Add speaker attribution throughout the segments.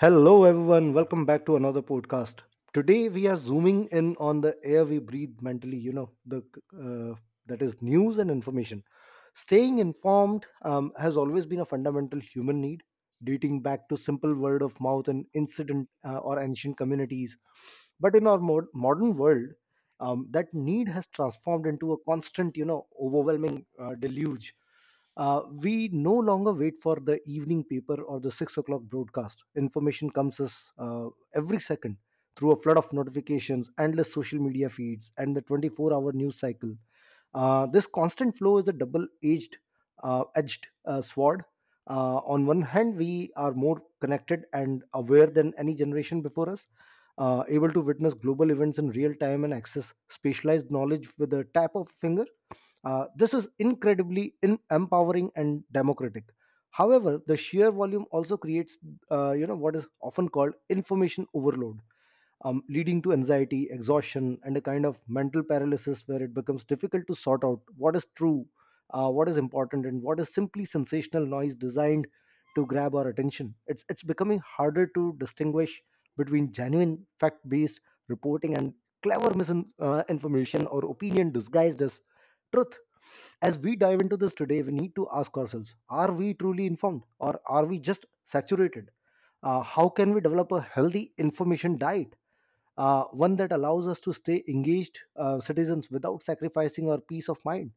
Speaker 1: Hello, everyone. Welcome back to another podcast. Today, we are zooming in on the air we breathe mentally. You know, the uh, that is news and information. Staying informed has always been a fundamental human need, dating back to simple word of mouth and incident or ancient communities. But in our modern world, that need has transformed into a constant, overwhelming deluge. We no longer wait for the evening paper or the six o'clock broadcast. Information comes us every second through a flood of notifications, endless social media feeds, and the 24-hour news cycle. This constant flow is a double edged sword. On one hand, we are more connected and aware than any generation before us, able to witness global events in real time and access specialized knowledge with a tap of a finger. This is incredibly empowering and democratic. However, the sheer volume also creates, what is often called information overload leading to anxiety, exhaustion, and a kind of mental paralysis where it becomes difficult to sort out what is true, what is important, and what is simply sensational noise designed to grab our attention. It's becoming harder to distinguish between genuine fact-based reporting and clever misinformation or opinion disguised as truth. As we dive into this today, we need to ask ourselves: Are we truly informed, or are we just saturated? How can we develop a healthy information diet? One that allows us to stay engaged citizens without sacrificing our peace of mind.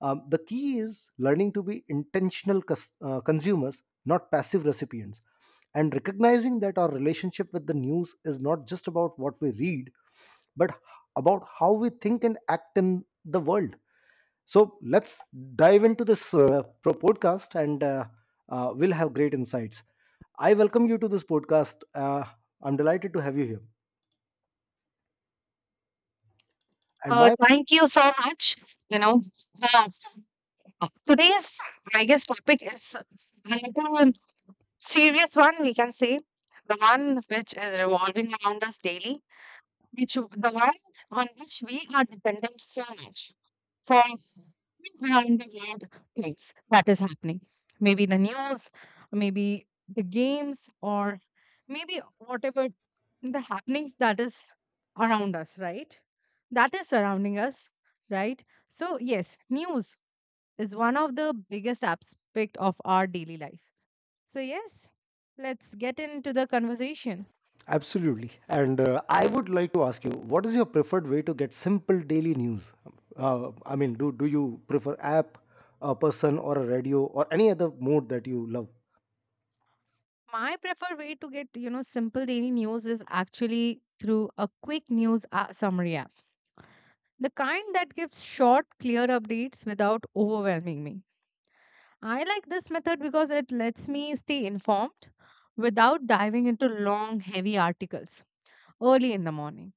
Speaker 1: The key is learning to be intentional consumers, not passive recipients, and recognizing that our relationship with the news is not just about what we read, but about how we think and act in the world. So let's dive into this podcast and we'll have great insights. I welcome you to this podcast. I'm delighted to have you here. And my
Speaker 2: Thank you so much. You know, uh, Today's, I guess, topic is a little serious one. We can say the one which is revolving around us daily, which the one on which we are dependent so much. For around the world things that is happening. Maybe the news, maybe the games, or maybe whatever the happenings that is around us, right? That is surrounding us, right? So, yes, news is one of the biggest aspect of our daily life. So, yes, let's get into the conversation.
Speaker 1: Absolutely. And I would like to ask you, what is your preferred way to get simple daily news? I mean, do you prefer app, a person, or a radio, or any other mode that you love?
Speaker 2: My preferred way to get simple daily news is actually through a quick news summary app, the kind that gives short, clear updates without overwhelming me. I like this method because it lets me stay informed without diving into long, heavy articles early in the morning.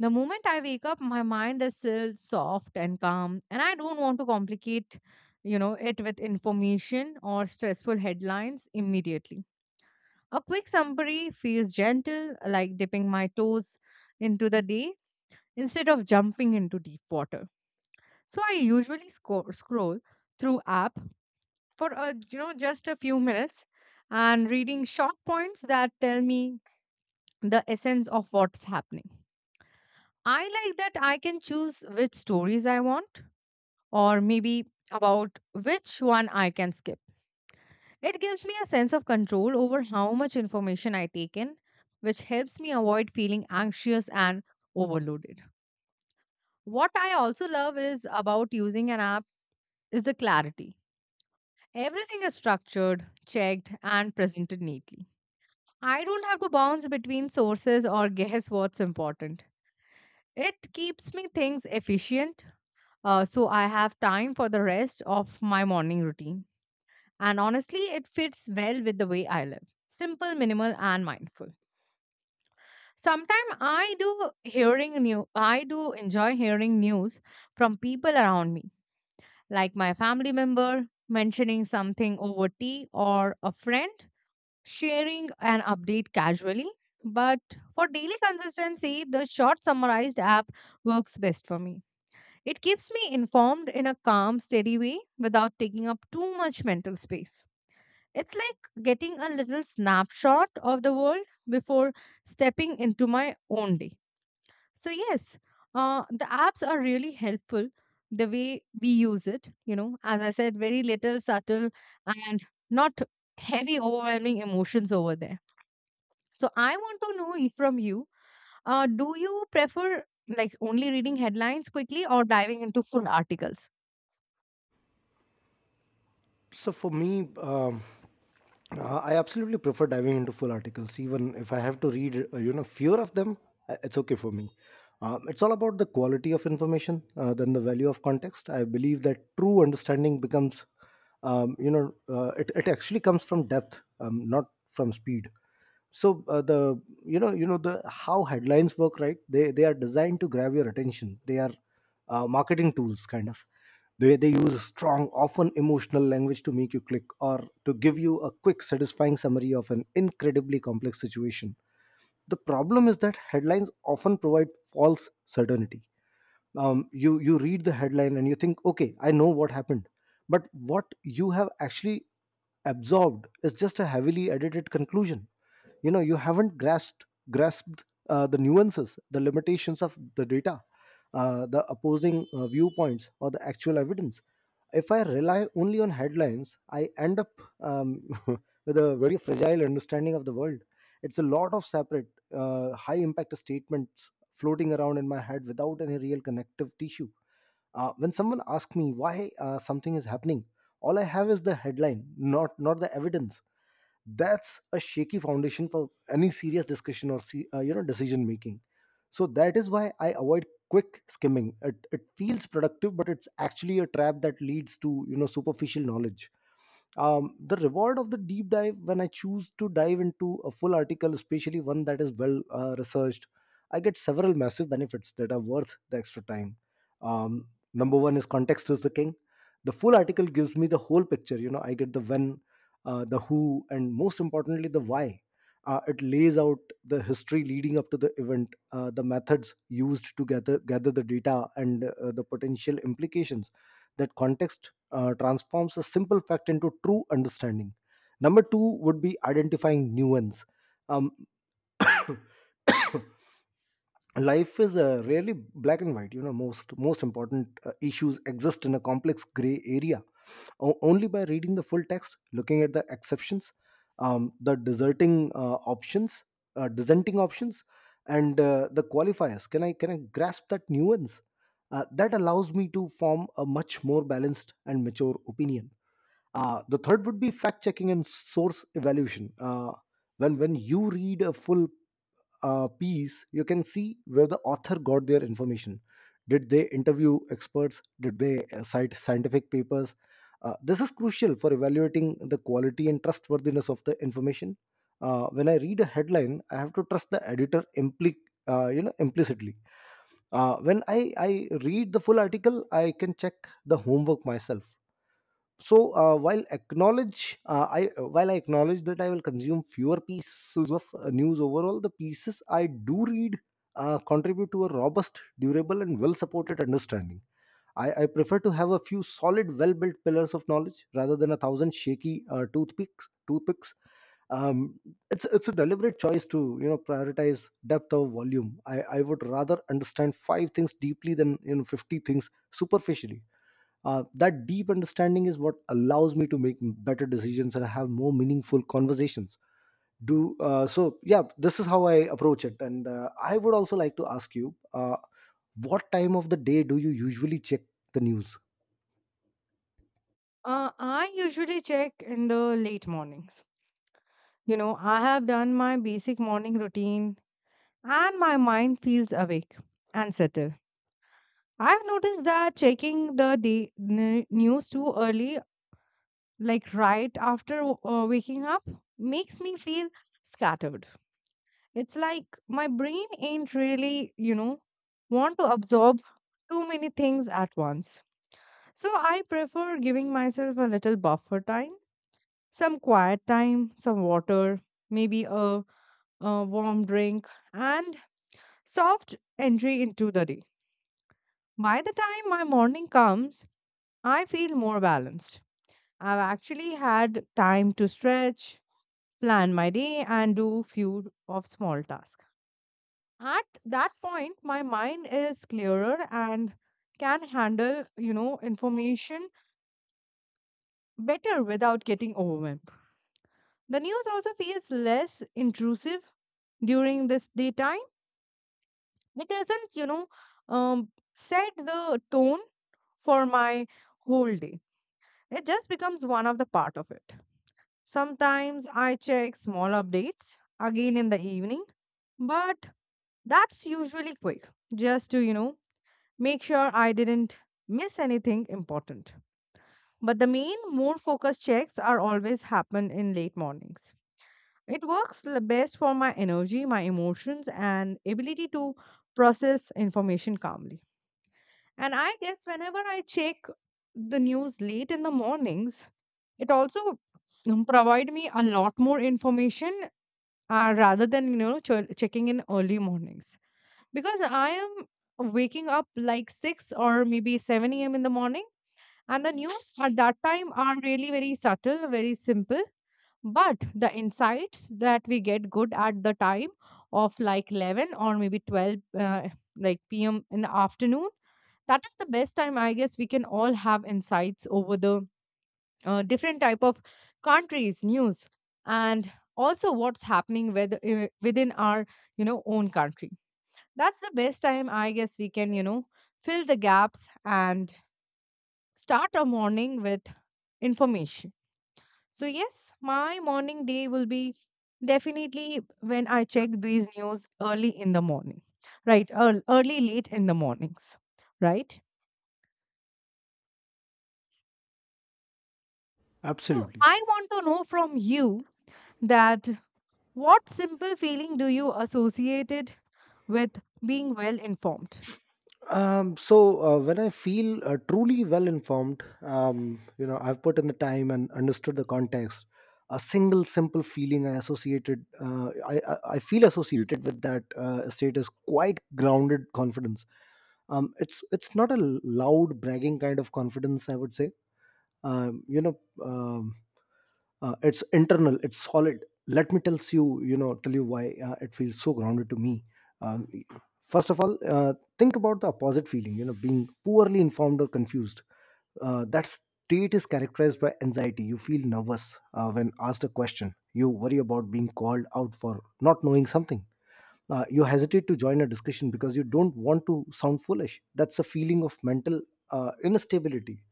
Speaker 2: The moment I wake up, my mind is still soft and calm, and I don't want to complicate it with information or stressful headlines immediately. A quick summary feels gentle, like dipping my toes into the day instead of jumping into deep water. So I usually scroll through app for a, you know just a few minutes and reading short points that tell me the essence of what's happening. I like that I can choose which stories I want or maybe about which one I can skip. It gives me a sense of control over how much information I take in, which helps me avoid feeling anxious and overloaded. What I also love is about using an app is the clarity. Everything is structured, checked, and presented neatly. I don't have to bounce between sources or guess what's important. It keeps me things efficient, so I have time for the rest of my morning routine. And honestly, it fits well with the way I live. Simple, minimal, and mindful. Sometimes I do enjoy hearing news from people around me, like my family member mentioning something over tea or a friend sharing an update casually. But for daily consistency, the short summarized app works best for me. It keeps me informed in a calm, steady way without taking up too much mental space. It's like getting a little snapshot of the world before stepping into my own day. So, yes, the apps are really helpful the way we use it. As I said, very little subtle and not heavy, overwhelming emotions over there. So I want to know from you, do you prefer like only reading headlines quickly or diving into full articles?
Speaker 1: So for me, I absolutely prefer diving into full articles, even if I have to read, fewer of them. It's okay for me. It's all about the quality of information than the value of context. I believe that true understanding becomes, it actually comes from depth, not from speed. So the you know the how headlines work, right? They are designed to grab your attention. They are marketing tools, kind of. They use strong, often emotional language to make you click or to give you a quick satisfying summary of an incredibly complex situation. The problem is that headlines often provide false certainty. You read the headline and you think, okay, I know what happened, but what you have actually absorbed is just a heavily edited conclusion. You know, you haven't grasped grasped the nuances, the limitations of the data, the opposing viewpoints, or the actual evidence. If I rely only on headlines, I end up with a very fragile understanding of the world. It's a lot of separate high impact statements floating around in my head without any real connective tissue. When someone asks me why something is happening, all I have is the headline, not the evidence. That's a shaky foundation for any serious discussion or decision making. So that is why I avoid quick skimming. It feels productive, but it's actually a trap that leads to superficial knowledge. The reward of the deep dive: when I choose to dive into a full article, especially one that is well researched, I get several massive benefits that are worth the extra time. um, Number one is context is the king. The full article gives me the whole picture. You know, I get the when, the who, and most importantly the why. It lays out the history leading up to the event, the methods used to gather the data, and the potential implications. That context transforms a simple fact into true understanding. Number two would be identifying nuance. Um, life is rarely black and white. You know, most important issues exist in a complex gray area. Only by reading the full text, looking at the exceptions, um, the deserting uh, options, dissenting options, and the qualifiers, can I grasp that nuance? That allows me to form a much more balanced and mature opinion. The third would be fact checking and source evaluation. When you read a full piece, you can see where the author got their information. Did they interview experts? Did they cite scientific papers? This is crucial for evaluating the quality and trustworthiness of the information. When I read a headline, I have to trust the editor implicitly. I read the full article, I can check the homework myself. So while I acknowledge that I will consume fewer pieces of news overall, the pieces I do read contribute to a robust, durable, and well supported understanding. I prefer to have a few solid, well built pillars of knowledge rather than a thousand shaky toothpicks. Um, it's it's a deliberate choice to, you know, prioritize depth over volume. I would rather understand five things deeply than, you know, 50 things superficially. That deep understanding is what allows me to make better decisions and have more meaningful conversations. Do so, yeah. This is how I approach it, and I would also like to ask you, what time of the day do you usually check the news?
Speaker 2: I usually check in the late mornings. I have done my basic morning routine and my mind feels awake and settled. I've noticed that checking the news too early, like right after waking up, makes me feel scattered. It's like my brain ain't really want to absorb too many things at once. So I prefer giving myself a little buffer time, some quiet time, some water, maybe a warm drink, and soft entry into the day. By the time my morning comes, I feel more balanced. I've actually had time to stretch, plan my day, and do few of small tasks. At that point my mind is clearer and can handle information better without getting overwhelmed. The news also feels less intrusive during this daytime. It doesn't you know um, set the tone for my whole day. It just becomes one of the part of it. Sometimes I check small updates again in the evening, but that's usually quick, just to make sure I didn't miss anything important. But the main, more focused checks are always happen in late mornings. It works best for my energy, my emotions, and ability to process information calmly. And I guess whenever I check the news late in the mornings, it also provide me a lot more information rather than checking in early mornings because I am waking up like 6 or maybe 7 a.m. in the morning, and the news at that time are really very subtle, very simple. But the insights that we get good at the time of like 11 or maybe 12, like p.m. in the afternoon, that is the best time, I guess, we can all have insights over the different type of countries, news, and also what's happening with, within our own country. That's the best time, I guess, we can fill the gaps and start a morning with information. So, yes, my morning day will be definitely when I check these news early in the morning, right? Early, late in the mornings, right? So,
Speaker 1: Absolutely.
Speaker 2: I want to know from you that what simple feeling do you associate it with being well informed?
Speaker 1: When I feel truly well informed, you know, I've put in the time and understood the context. A single simple feeling I associated, I feel associated with that state is quite grounded confidence. It's not a loud bragging kind of confidence, I would say. Um, you know, um, it's internal, it's solid. Let me tells you, you know tell you why it feels so grounded to me. um, First of all, think about the opposite feeling. You know, being poorly informed or confused, that state is characterized by anxiety. You feel nervous when asked a question. You worry about being called out for not knowing something. You hesitate to join a discussion because you don't want to sound foolish. That's a feeling of mental instability.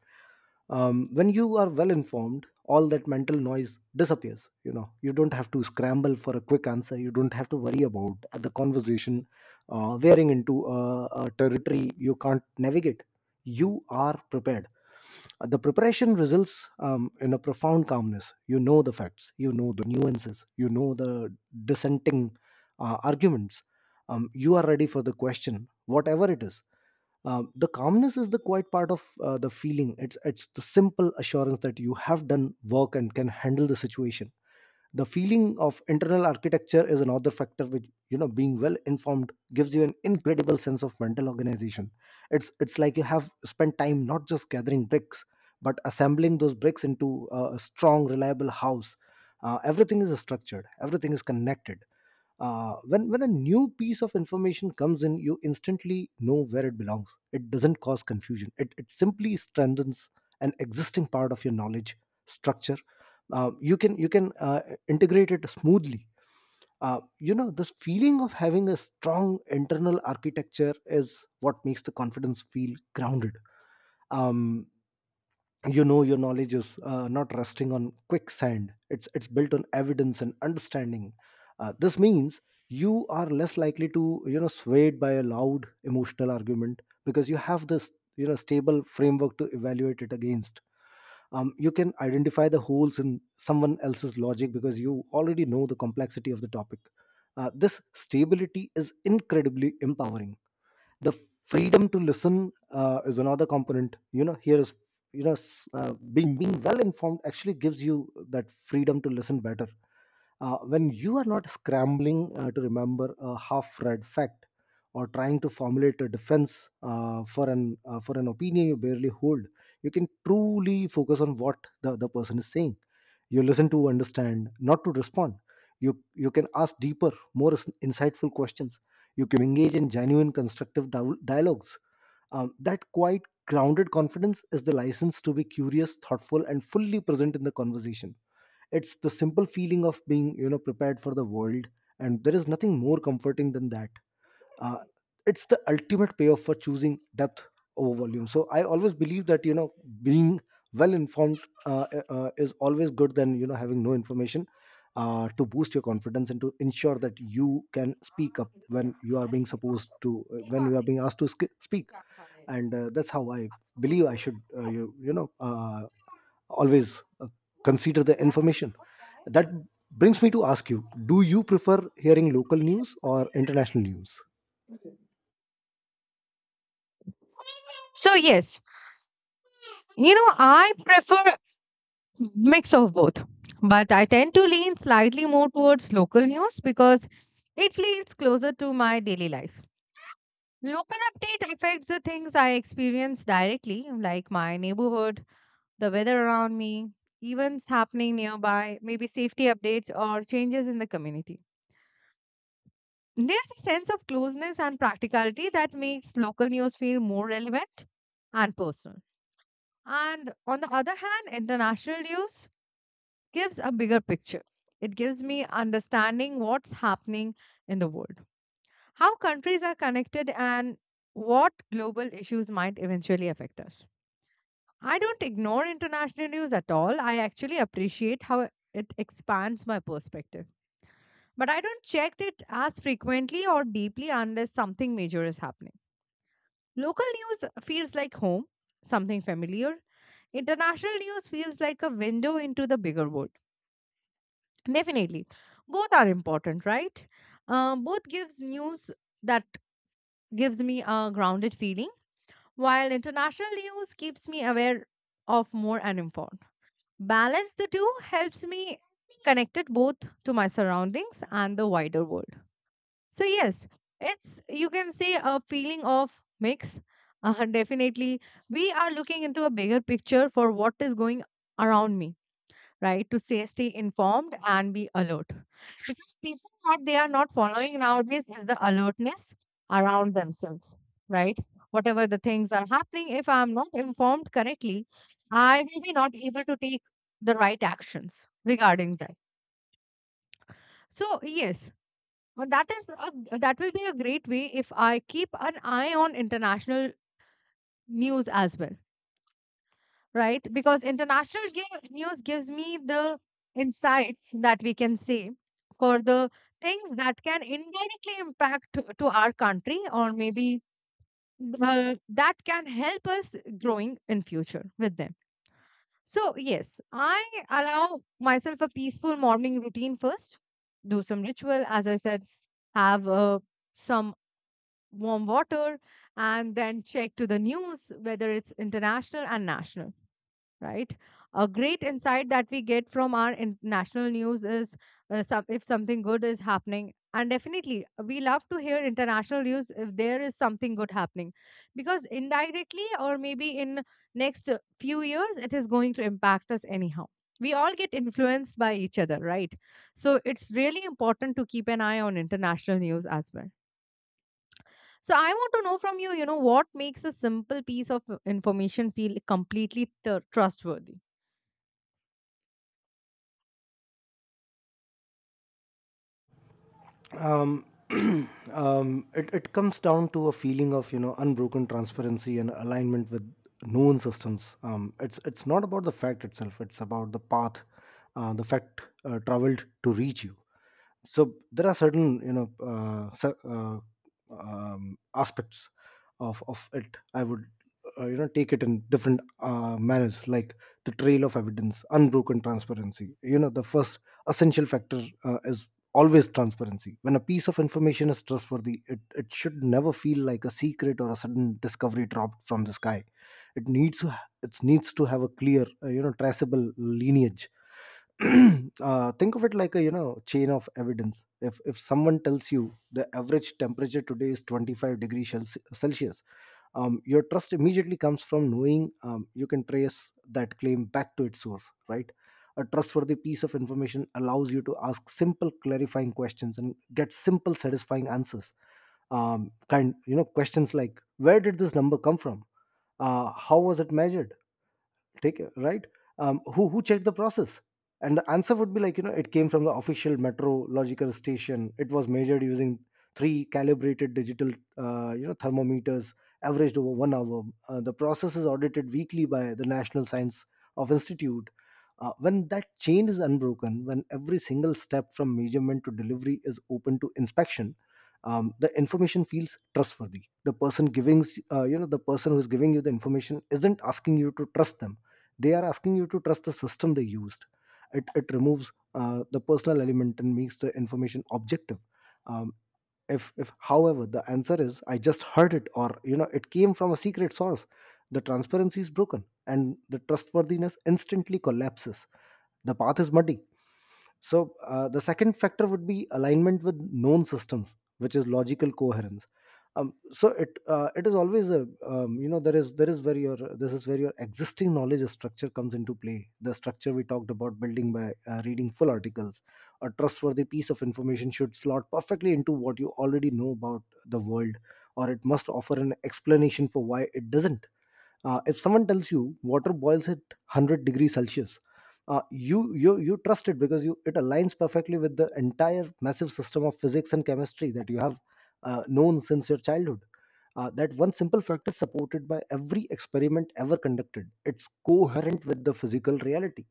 Speaker 1: When you are well informed, all that mental noise disappears. You know, you don't have to scramble for a quick answer. You don't have to worry about the conversation veering into a territory you can't navigate. You are prepared. The preparation results in a profound calmness. You know the facts, you know the nuances, you know the dissenting arguments. You are ready for the question, whatever it is. The calmness is the quiet part of the feeling. It's the simple assurance that you have done work and can handle the situation. The feeling of internal architecture is another factor, which, you know, being well informed gives you an incredible sense of mental organization. It's like you have spent time not just gathering bricks, but assembling those bricks into a strong, reliable house. Everything is structured, everything is connected. When a new piece of information comes in, you instantly know where it belongs. It doesn't cause confusion. It simply strengthens an existing part of your knowledge structure. You can integrate it smoothly. You know, this feeling of having a strong internal architecture is what makes the confidence feel grounded. um, you know, your knowledge is not resting on quicksand. It's built on evidence and understanding. This means you are less likely to, you know, swayed by a loud emotional argument, because you have this, you know, stable framework to evaluate it against. You can identify the holes in someone else's logic because you already know the complexity of the topic. This stability is incredibly empowering. The freedom to listen is another component. You know, here is, being well informed actually gives you that freedom to listen better. When you are not scrambling to remember a half-read fact, or trying to formulate a defense For an for an opinion you barely hold, you can truly focus on what the other person is saying. You listen to understand, not to respond. You you can ask deeper, more insightful questions. You can engage in genuine constructive dialogues. That quite grounded confidence is the license to be curious, thoughtful and fully present in the conversation. It's the simple feeling of being, prepared for the world, and there is nothing more comforting than that. Uh, it's the ultimate payoff for choosing depth over volume. So I always believe that being well informed is always good than having no information to boost your confidence and to ensure that you can speak up when you are being supposed to, when you are being asked to speak. And that's how I believe I should, always consider the information. That brings me to ask you, do you prefer hearing local news or international news?
Speaker 2: So, yes, I prefer mix of both, but I tend to lean slightly more towards local news because it feels closer to my daily life. Local update affects the things I experience directly, like my neighborhood, the weather around me, events happening nearby, maybe safety updates or changes in the community. There's a sense of closeness and practicality that makes local news feel more relevant and personal. And on the other hand, international news gives a bigger picture. It gives me understanding what's happening in the world, how countries are connected, and what global issues might eventually affect us. I don't ignore international news at all. I actually appreciate how it expands my perspective. But I don't check it as frequently or deeply unless something major is happening. Local news feels like home, something familiar. International news feels like a window into the bigger world. Definitely. Both are important, right? Both gives news that gives me a grounded feeling, while international news keeps me aware of more and informed. Balance the two helps me connected both to my surroundings and the wider world. So yes, it's you can say a feeling of mix. Definitely, we are looking into a bigger picture for what is going around me, right? To stay informed and be alert because people, what they are not following nowadays is the alertness around themselves, right? Whatever the things are happening, if I'm not informed correctly, I will be not able to take the right actions regarding that. So, yes, that is a, that will be a great way if I keep an eye on international news as well, right? Because international news gives me the insights that we can see for the things that can indirectly impact to our country or maybe that can help us growing in future with them. So yes, I allow myself a peaceful morning routine first, do some ritual, as I said, have some warm water and then check to the news whether it's international and national, right? A great insight that we get from our national news is if something good is happening. And definitely, we love to hear international news if there is something good happening, because indirectly or maybe in next few years, it is going to impact us anyhow. We all get influenced by each other, right? So it's really important to keep an eye on international news as well. So I want to know from you, what makes a simple piece of information feel completely trustworthy?
Speaker 1: um, it comes down to a feeling of unbroken transparency and alignment with known systems. It's not about the fact itself, it's about the path the fact traveled to reach you. So there are certain aspects of it I would, take it in different manners, like the trail of evidence, unbroken transparency. The first essential factor is always transparency. When a piece of information is trustworthy, it should never feel like a secret or a sudden discovery dropped from the sky. It needs to it needs to have a clear, traceable lineage. Think of it like a, chain of evidence. If someone tells you the average temperature today is 25 degrees celsius, your trust immediately comes from knowing, you can trace that claim back to its source, right? A trustworthy piece of information allows you to ask simple clarifying questions and get simple satisfying answers. Kind, questions like, where did this number come from? How was it measured? Take it, right? Who checked the process? And the answer would be like, it came from the official metrological station. It was measured using three calibrated digital, thermometers averaged over 1 hour. The process is audited weekly by the national science of institute. When that chain is unbroken, when every single step from measurement to delivery is open to inspection, the information feels trustworthy. The person giving, the person who's giving you the information isn't asking you to trust them, they are asking you to trust the system they used. It removes the personal element and makes the information objective. um, if however the answer is, I just heard it, or it came from a secret source, the transparency is broken and the trustworthiness instantly collapses. The path is muddy. So the second factor would be alignment with known systems, which is logical coherence. So it is always a there is where your, this is where your existing knowledge structure comes into play. The structure we talked about building by reading full articles, a trustworthy piece of information should slot perfectly into what you already know about the world, or it must offer an explanation for why it doesn't. If someone tells you water boils at 100 degrees Celsius, you trust it because you, it aligns perfectly with the entire massive system of physics and chemistry that you have known since your childhood. That one simple fact is supported by every experiment ever conducted. It's coherent with the physical reality.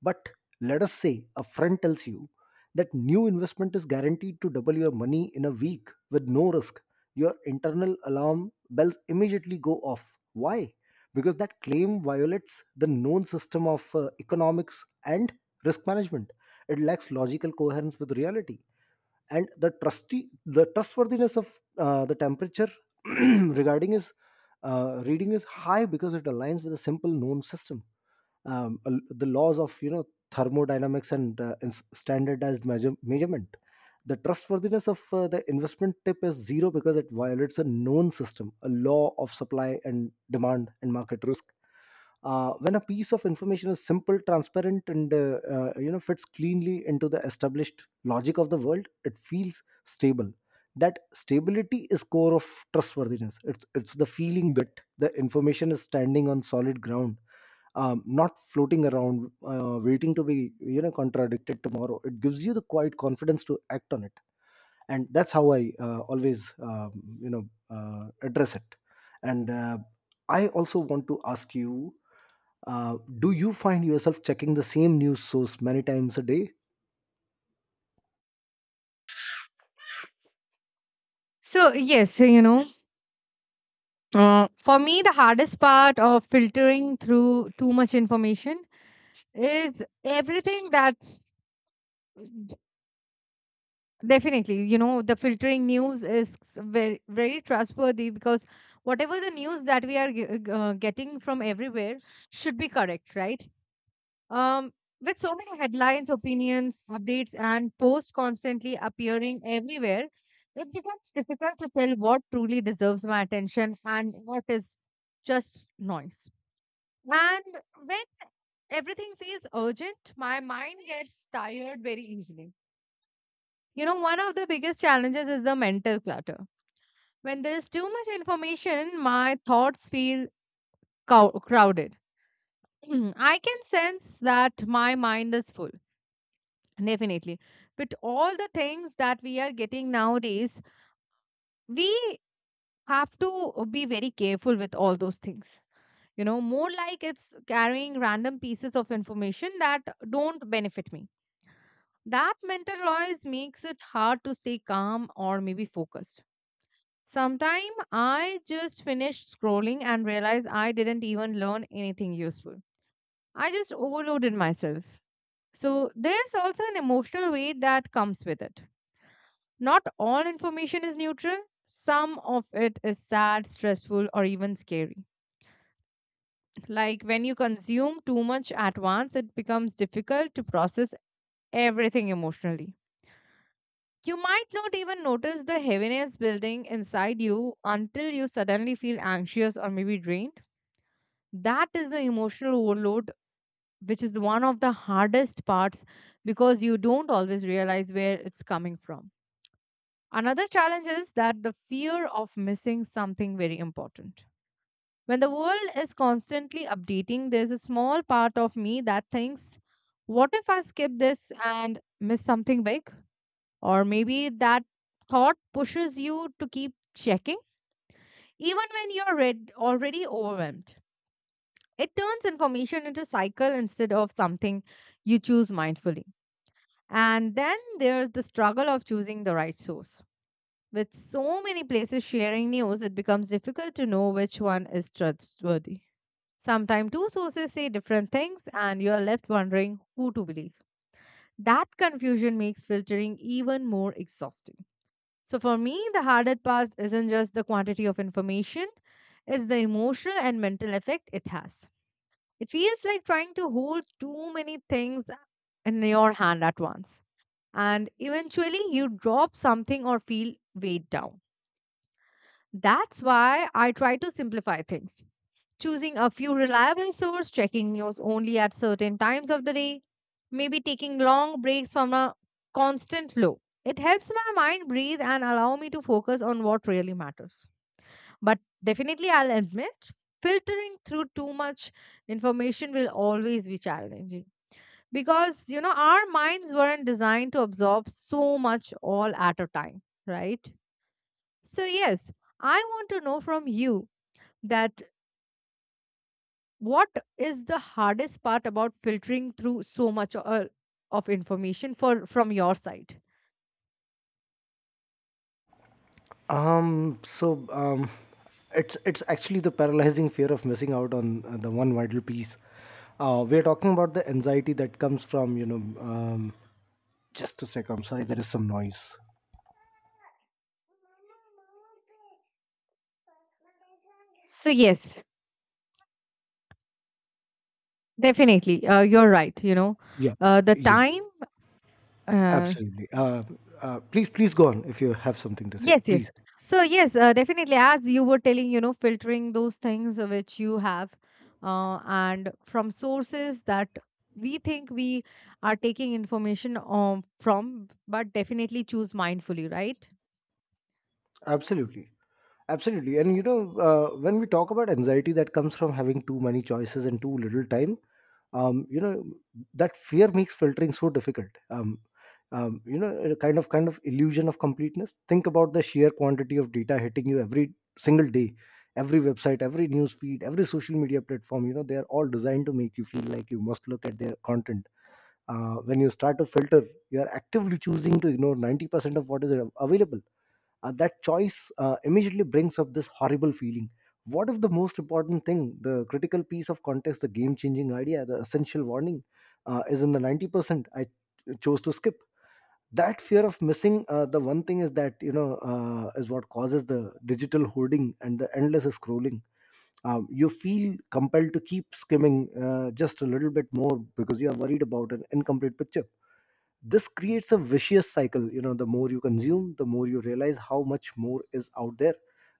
Speaker 1: But let us say a friend tells you that new investment is guaranteed to double your money in a week with no risk. Your internal alarm bells immediately go off. Why? Because that claim violates the known system of economics and risk management. It lacks logical coherence with reality. And the trusty the trustworthiness of the temperature regarding is reading is high because it aligns with a simple known system, the laws of, thermodynamics and standardized measurement. The trustworthiness of the investment tip is zero because it violates a known system, a law of supply and demand and market risk. When a piece of information is simple, transparent and fits cleanly into the established logic of the world, it feels stable. That stability is core of trustworthiness. It's the feeling that the information is standing on solid ground, not floating around, waiting to be, contradicted tomorrow. It gives you the quiet confidence to act on it. And that's how I, always you know address it. And I also want to ask you, do you find yourself checking the same news source many times a day?
Speaker 2: So, yes, for me, the hardest part of filtering through too much information is everything that's definitely, the filtering news is very, very trustworthy because whatever the news that we are getting from everywhere should be correct, right? Um, with so many headlines, opinions, updates, and posts constantly appearing everywhere, it becomes difficult to tell what truly deserves my attention and what is just noise. And when everything feels urgent, my mind gets tired very easily. One of the biggest challenges is the mental clutter. When there's too much information, my thoughts feel crowded. I can sense that my mind is full. Definitely. But all the things that we are getting nowadays, we have to be very careful with all those things. More like it's carrying random pieces of information that don't benefit me. That mental noise makes it hard to stay calm or maybe focused. Sometime I just finish scrolling and realize I didn't even learn anything useful. I just overloaded myself. So there's also an emotional weight that comes with it. Not all information is neutral. Some of it is sad, stressful, or even scary. Like when you consume too much at once, it becomes difficult to process everything emotionally. You might not even notice the heaviness building inside you until you suddenly feel anxious or maybe drained. That is the emotional overload, which is the one of the hardest parts because you don't always realize where it's coming from. Another challenge is that the fear of missing something very important. When the world is constantly updating, there's a small part of me that thinks, what if I skip this and miss something big? Or maybe that thought pushes you to keep checking, even when you're already overwhelmed. It turns information into cycle instead of something you choose mindfully. And then there's the struggle of choosing the right source. With so many places sharing news, it becomes difficult to know which one is trustworthy. Sometimes two sources say different things, and you are left wondering who to believe. That confusion makes filtering even more exhausting. So, for me, the harder part isn't just the quantity of information, it's the emotional and mental effect it has. It feels like trying to hold too many things in your hand at once. And eventually, you drop something or feel weighed down. That's why I try to simplify things, choosing a few reliable sources, checking news only at certain times of the day, maybe taking long breaks from a constant flow. It helps my mind breathe and allow me to focus on what really matters. But definitely, I'll admit, filtering through too much information will always be challenging because you know our minds weren't designed to absorb so much all at a time, right? So, yes, I want to know from you that what is the hardest part about filtering through so much of information for from your side.
Speaker 1: Um, so um, it's actually the paralyzing fear of missing out on the one vital piece. We're talking about the anxiety that comes from, just a sec. I'm sorry, there is some noise.
Speaker 2: So yes, definitely, you're right.
Speaker 1: Yeah,
Speaker 2: The
Speaker 1: yeah,
Speaker 2: time uh,
Speaker 1: absolutely. Please, please go on if you have something to say.
Speaker 2: Yes,
Speaker 1: Please.
Speaker 2: yes. So yes, definitely. As you were telling, filtering those things which you have, and from sources that we think we are taking information from, but definitely choose mindfully, right?
Speaker 1: Absolutely. Absolutely. And you know, when we talk about anxiety that comes from having too many choices and too little time, um, you know, that fear makes filtering so difficult. A kind of illusion of completeness. Think about the sheer quantity of data hitting you every single day, every website, every news feed, every social media platform. You know, they are all designed to make you feel like you must look at their content. When you start to filter, you are actively choosing to ignore 90% of what is available. That choice immediately brings up this horrible feeling. What if the most important thing, the critical piece of context, the game changing idea, the essential warning is in the 90% I chose to skip? That fear of missing the one thing is that, is what causes the digital hoarding and the endless scrolling. You feel compelled to keep skimming just a little bit more because you are worried about an incomplete picture. This creates a vicious cycle. You know, the more you consume, the more you realize how much more is out there.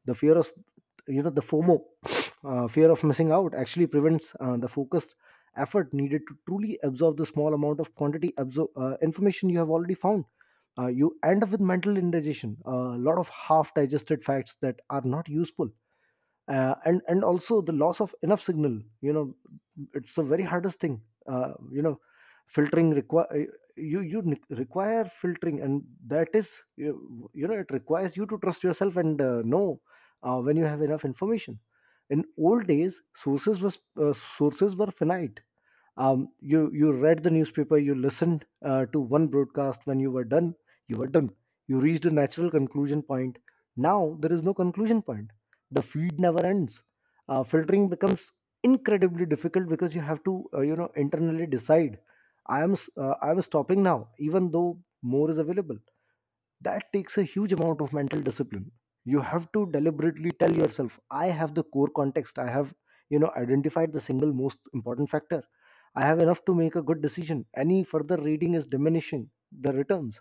Speaker 1: The fear of, the FOMO fear of missing out actually prevents the focused effort needed to truly absorb the small amount of quantity information you have already found. You end up with mental indigestion, a lot of half digested facts that are not useful. And also the loss of enough signal. You know, it's the very hardest thing. uh, you know filtering require you you ne- require filtering, and that is, you know it requires you to trust yourself and know when you have enough information. In old days, sources were finite. You read the newspaper, you listened to one broadcast. When you were done, you were done. You reached a natural conclusion point. Now there is no conclusion point. The feed never ends. Filtering becomes incredibly difficult because you have to, internally decide, I am stopping now, even though more is available. That takes a huge amount of mental discipline. You have to deliberately tell yourself, I have the core context, I have, identified the single most important factor, I have enough to make a good decision. Any further reading is diminishing the returns.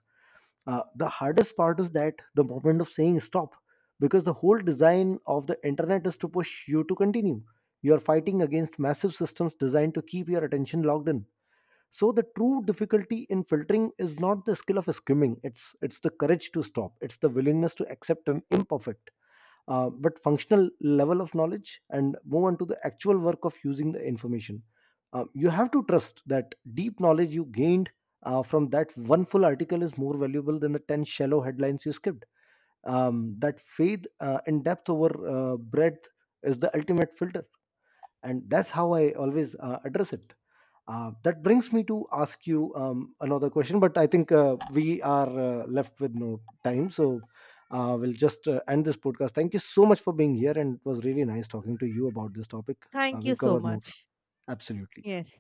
Speaker 1: The hardest part is that the moment of saying stop, because the whole design of the internet is to push you to continue. You are fighting against massive systems designed to keep your attention logged in. So the true difficulty in filtering is not the skill of skimming, it's the courage to stop. It's the willingness to accept an imperfect but functional level of knowledge and move on to the actual work of using the information. You have to trust that deep knowledge you gained from that one full article is more valuable than the 10 shallow headlines you skipped. um, that faith in depth over breadth is the ultimate filter. And that's how I always address it. That brings me to ask you another question, but I think we are left with no time, so we'll just end this podcast. Thank you so much for being here, and it was really nice talking to you about this topic.
Speaker 2: Thank you
Speaker 1: We'll
Speaker 2: so
Speaker 1: cover more.
Speaker 2: much.
Speaker 1: Absolutely.
Speaker 2: Yes.